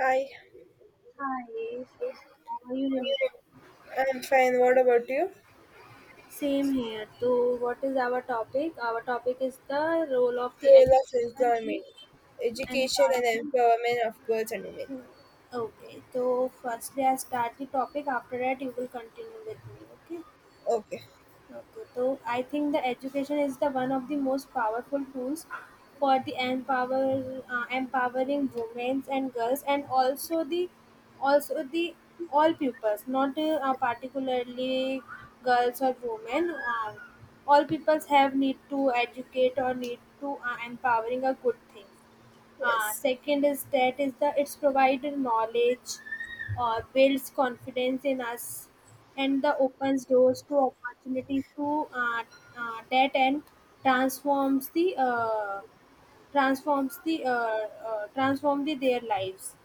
Hi, Hi, how are you? Doing? I'm fine. What about you? Same here. So, what is our topic? Our topic is the role of the Role of education in employment, education, and empowerment. empowerment of girls and women. Okay, so firstly, I start the topic. After that, you will continue with me. Okay. Okay, Okay, so I think the education is the one of the most powerful tools for the empowering women and girls, and also the all pupils, not particularly girls or women. All peoples have need to educate or need to empowering a good thing. Yes. Second is that is the it's provided knowledge, builds confidence in us, and the opens doors to opportunities to that and transforms the their lives.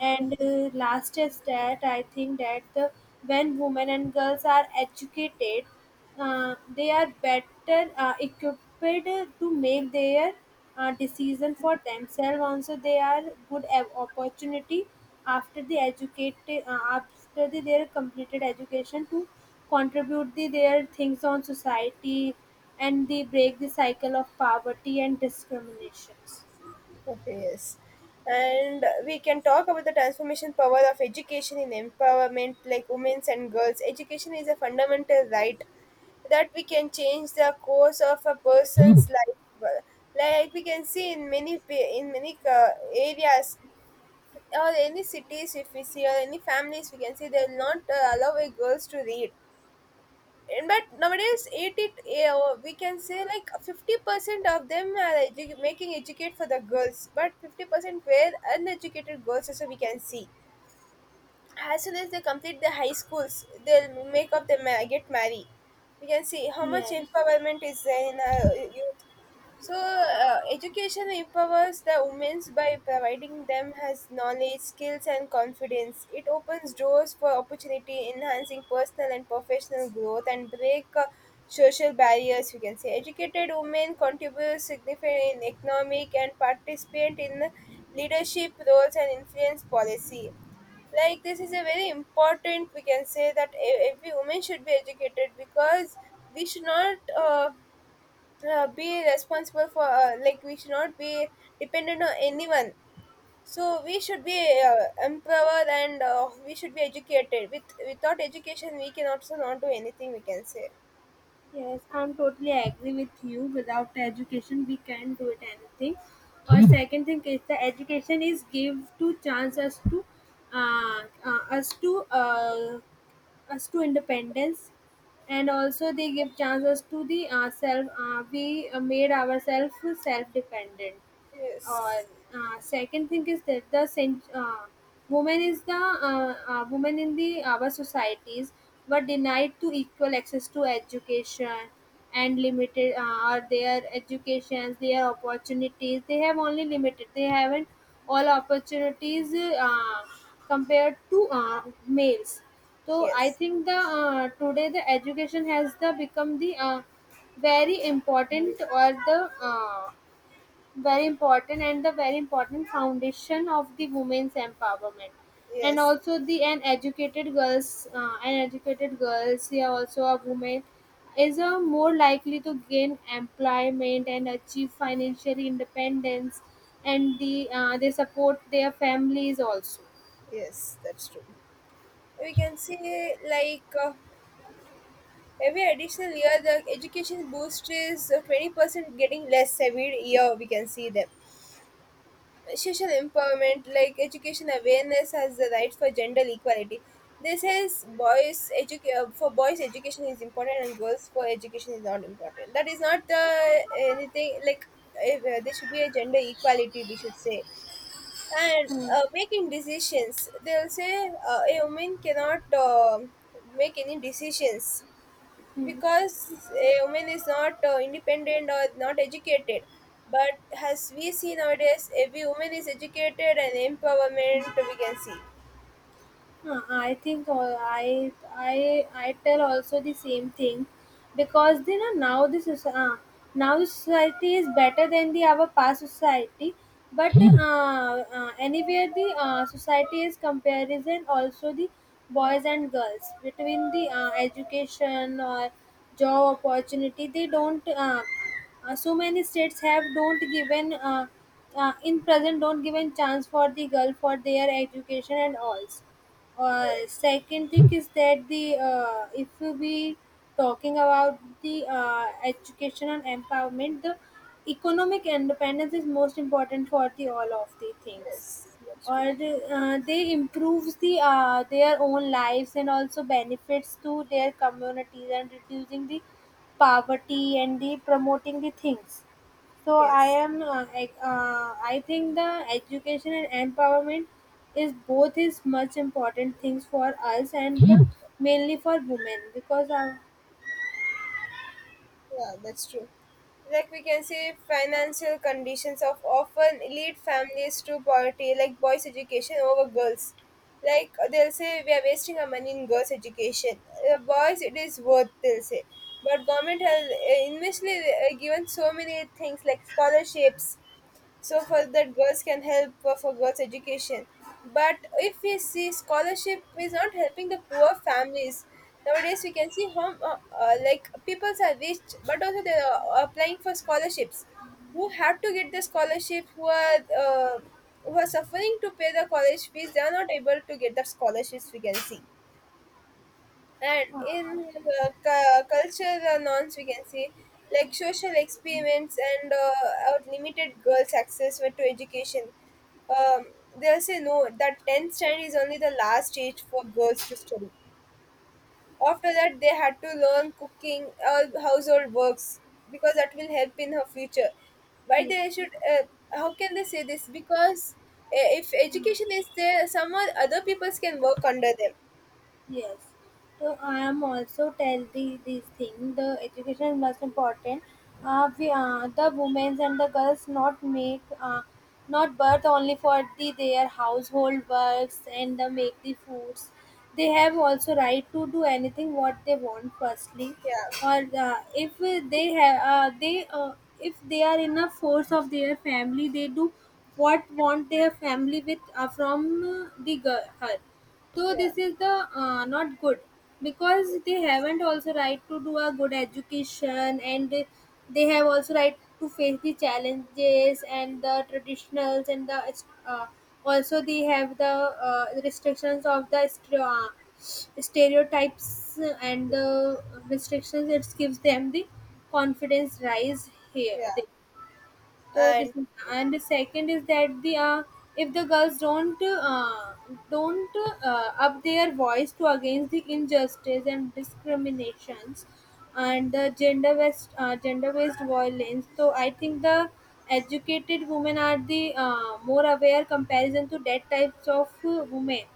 And last is that I think that when women and girls are educated, they are better equipped to make their decision for themselves. Also, they are opportunity after their completed education to contribute their things on society and they break the cycle of poverty and discriminations. Okay, yes. And we can talk about the transformation power of education in empowerment, like women's and girls. Education is a fundamental right that we can change the course of a person's life. Like we can see in many in many areas or any cities if we see or any families we can see they will not allow a girls to read, and but nowadays 80, we can say like 50% of them are making educate for the girls, but 50% were uneducated girls also we can see. As soon as they complete their high schools, they'll make up their get married. We can see how much Yes. empowerment is there in youth. So education empowers the women by providing them has knowledge, skills, and confidence. It opens doors for opportunity, enhancing personal and professional growth, and break social barriers. We can say educated women contribute significantly in economic and participate in leadership roles and influence policy. Like this is a very important, we can say that every woman should be educated, because we should not be responsible for, like we should not be dependent on anyone. So we should be empowered, and we should be educated. With without education we can also not do anything, we can say. Yes, I'm totally agree with you. Without education, we can't do it anything. Or second thing is the education is give to chance us to, us to, us to independence, and also they give chances to the self. We made ourselves self dependent or Yes. Second thing is that the women in the our societies were denied to equal access to education and limited are their educations their opportunities they have only limited they haven't all opportunities uh, compared to males, so I Yes. think the today the education has the become the very important or the very important and the very important foundation of the women's empowerment, and Yes. also the an educated girls an educated girls, yeah, also a woman is a more likely to gain employment and achieve financial independence and they support their families also. Yes, that's true. We can say like every additional year, the education boost is 20% getting less every year. We can see them. Social empowerment, like education awareness, has the right for gender equality. This is boys for boys education is important and girls for education is not important. That is not the anything like, if, there should be a gender equality. We should say, and making decisions, they'll say a woman cannot make any decisions, because a woman is not independent or not educated. But as we see nowadays every woman is educated and empowerment we can see. I think I I tell also the same thing because you know now this is now the society is better than the our past society but anywhere the society is comparison also the boys and girls between the education or job opportunity they don't so many states have don't given in present don't given chance for the girl for their education and all. Yes, Second thing is that the if we talking about the education and empowerment the economic independence is most important for the all of the things yes, that's true. or they improves the their own lives and also benefits to their communities and reducing the poverty and the promoting the things, so Yes. I think the education and empowerment is both is much important things for us and mainly for women because Yeah, that's true. Like we can see, financial conditions of often lead families to poverty, like boys' education over girls. Like they'll say, we are wasting our money in girls' education. Boys, it is worth. They'll say, but government has initially given so many things like scholarships, so for that girls can help for girls education. But if we see, scholarship is not helping the poor families. Nowadays we can see how like people are rich but also they are applying for scholarships. Who have to get the scholarship? Who are who are suffering to pay the college fees, they are not able to get the scholarships, we can see. And in cultural norms we can say, like social experiments and our limited girls access to education. um, they'll say no that 10th standard is only the last stage for girls to study. After that they had to learn cooking or household works, because that will help in her future. Why yeah. they should how can they say this? Because if education is there, some other peoples can work under them. Yes. So I am also tell the this thing the education is most important. The women and the girls not make not birth only for the their household works and the make the foods. They have also right to do anything what they want. Firstly, Yeah. or if they have they if they are in a force of their family, they do what want their family with from the girl her. So Yeah. this is the not good because they haven't also right to do a good education and they have also right to face the challenges and the traditionals and the uh, also they have the restrictions of the stereotypes and the restrictions, it gives them the confidence rise here, Yeah. so this And is- and the second is that the if the girls don't uh, up their voice to against the injustice and discriminations and the gender based violence. So I think the educated women are the more aware comparison to that types of women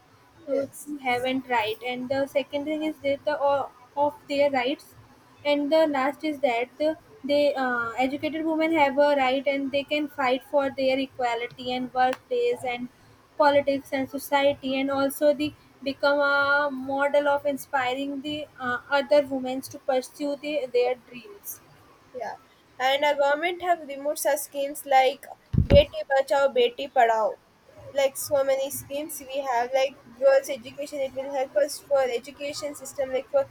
those yes, who haven't right, and the second thing is that the of their rights, and the last is that the they educated women have a right and they can fight for their equality and workplace and politics and society, and also they become a model of inspiring the other women to pursue their dreams yeah, and our government have removed such schemes like Beti Bachao, Beti Padhao. Like so many schemes we have, like girls' education, it will help us for education system, like for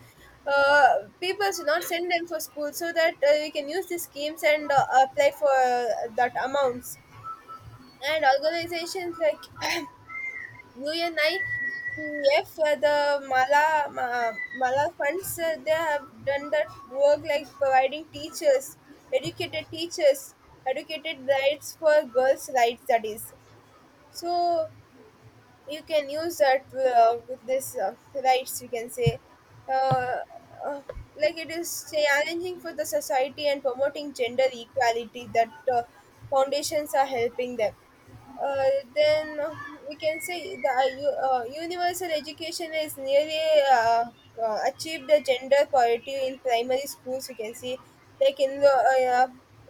uh, people should not send them for school, so that we can use these schemes and apply for that amounts. And organizations like UNIEF, the Mala funds, they have done that work, like providing teachers, educated rights for girls' rights, that is. So you can use that with this rights, we can say. Uh, uh, like it is challenging for the society and promoting gender equality, that foundations are helping them. Then we can say the universal education is nearly uh, achieved the gender parity in primary schools. We can see, like in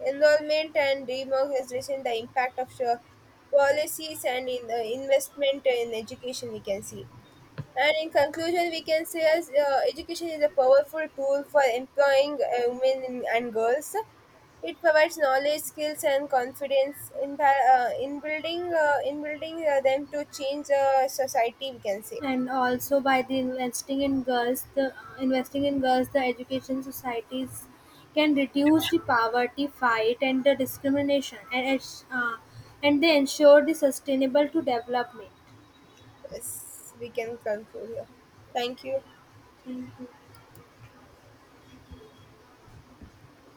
enrollment and democratization, the impact of policies and in investment in education. We can see. And in conclusion, we can say as education is a powerful tool for employing women and girls. It provides knowledge, skills, and confidence in building them to change society, we can say. and also by the investing in girls the education societies can reduce the poverty fight and the discrimination, and they ensure the sustainable to development. Yes. We can conclude here. Thank you. Thank you.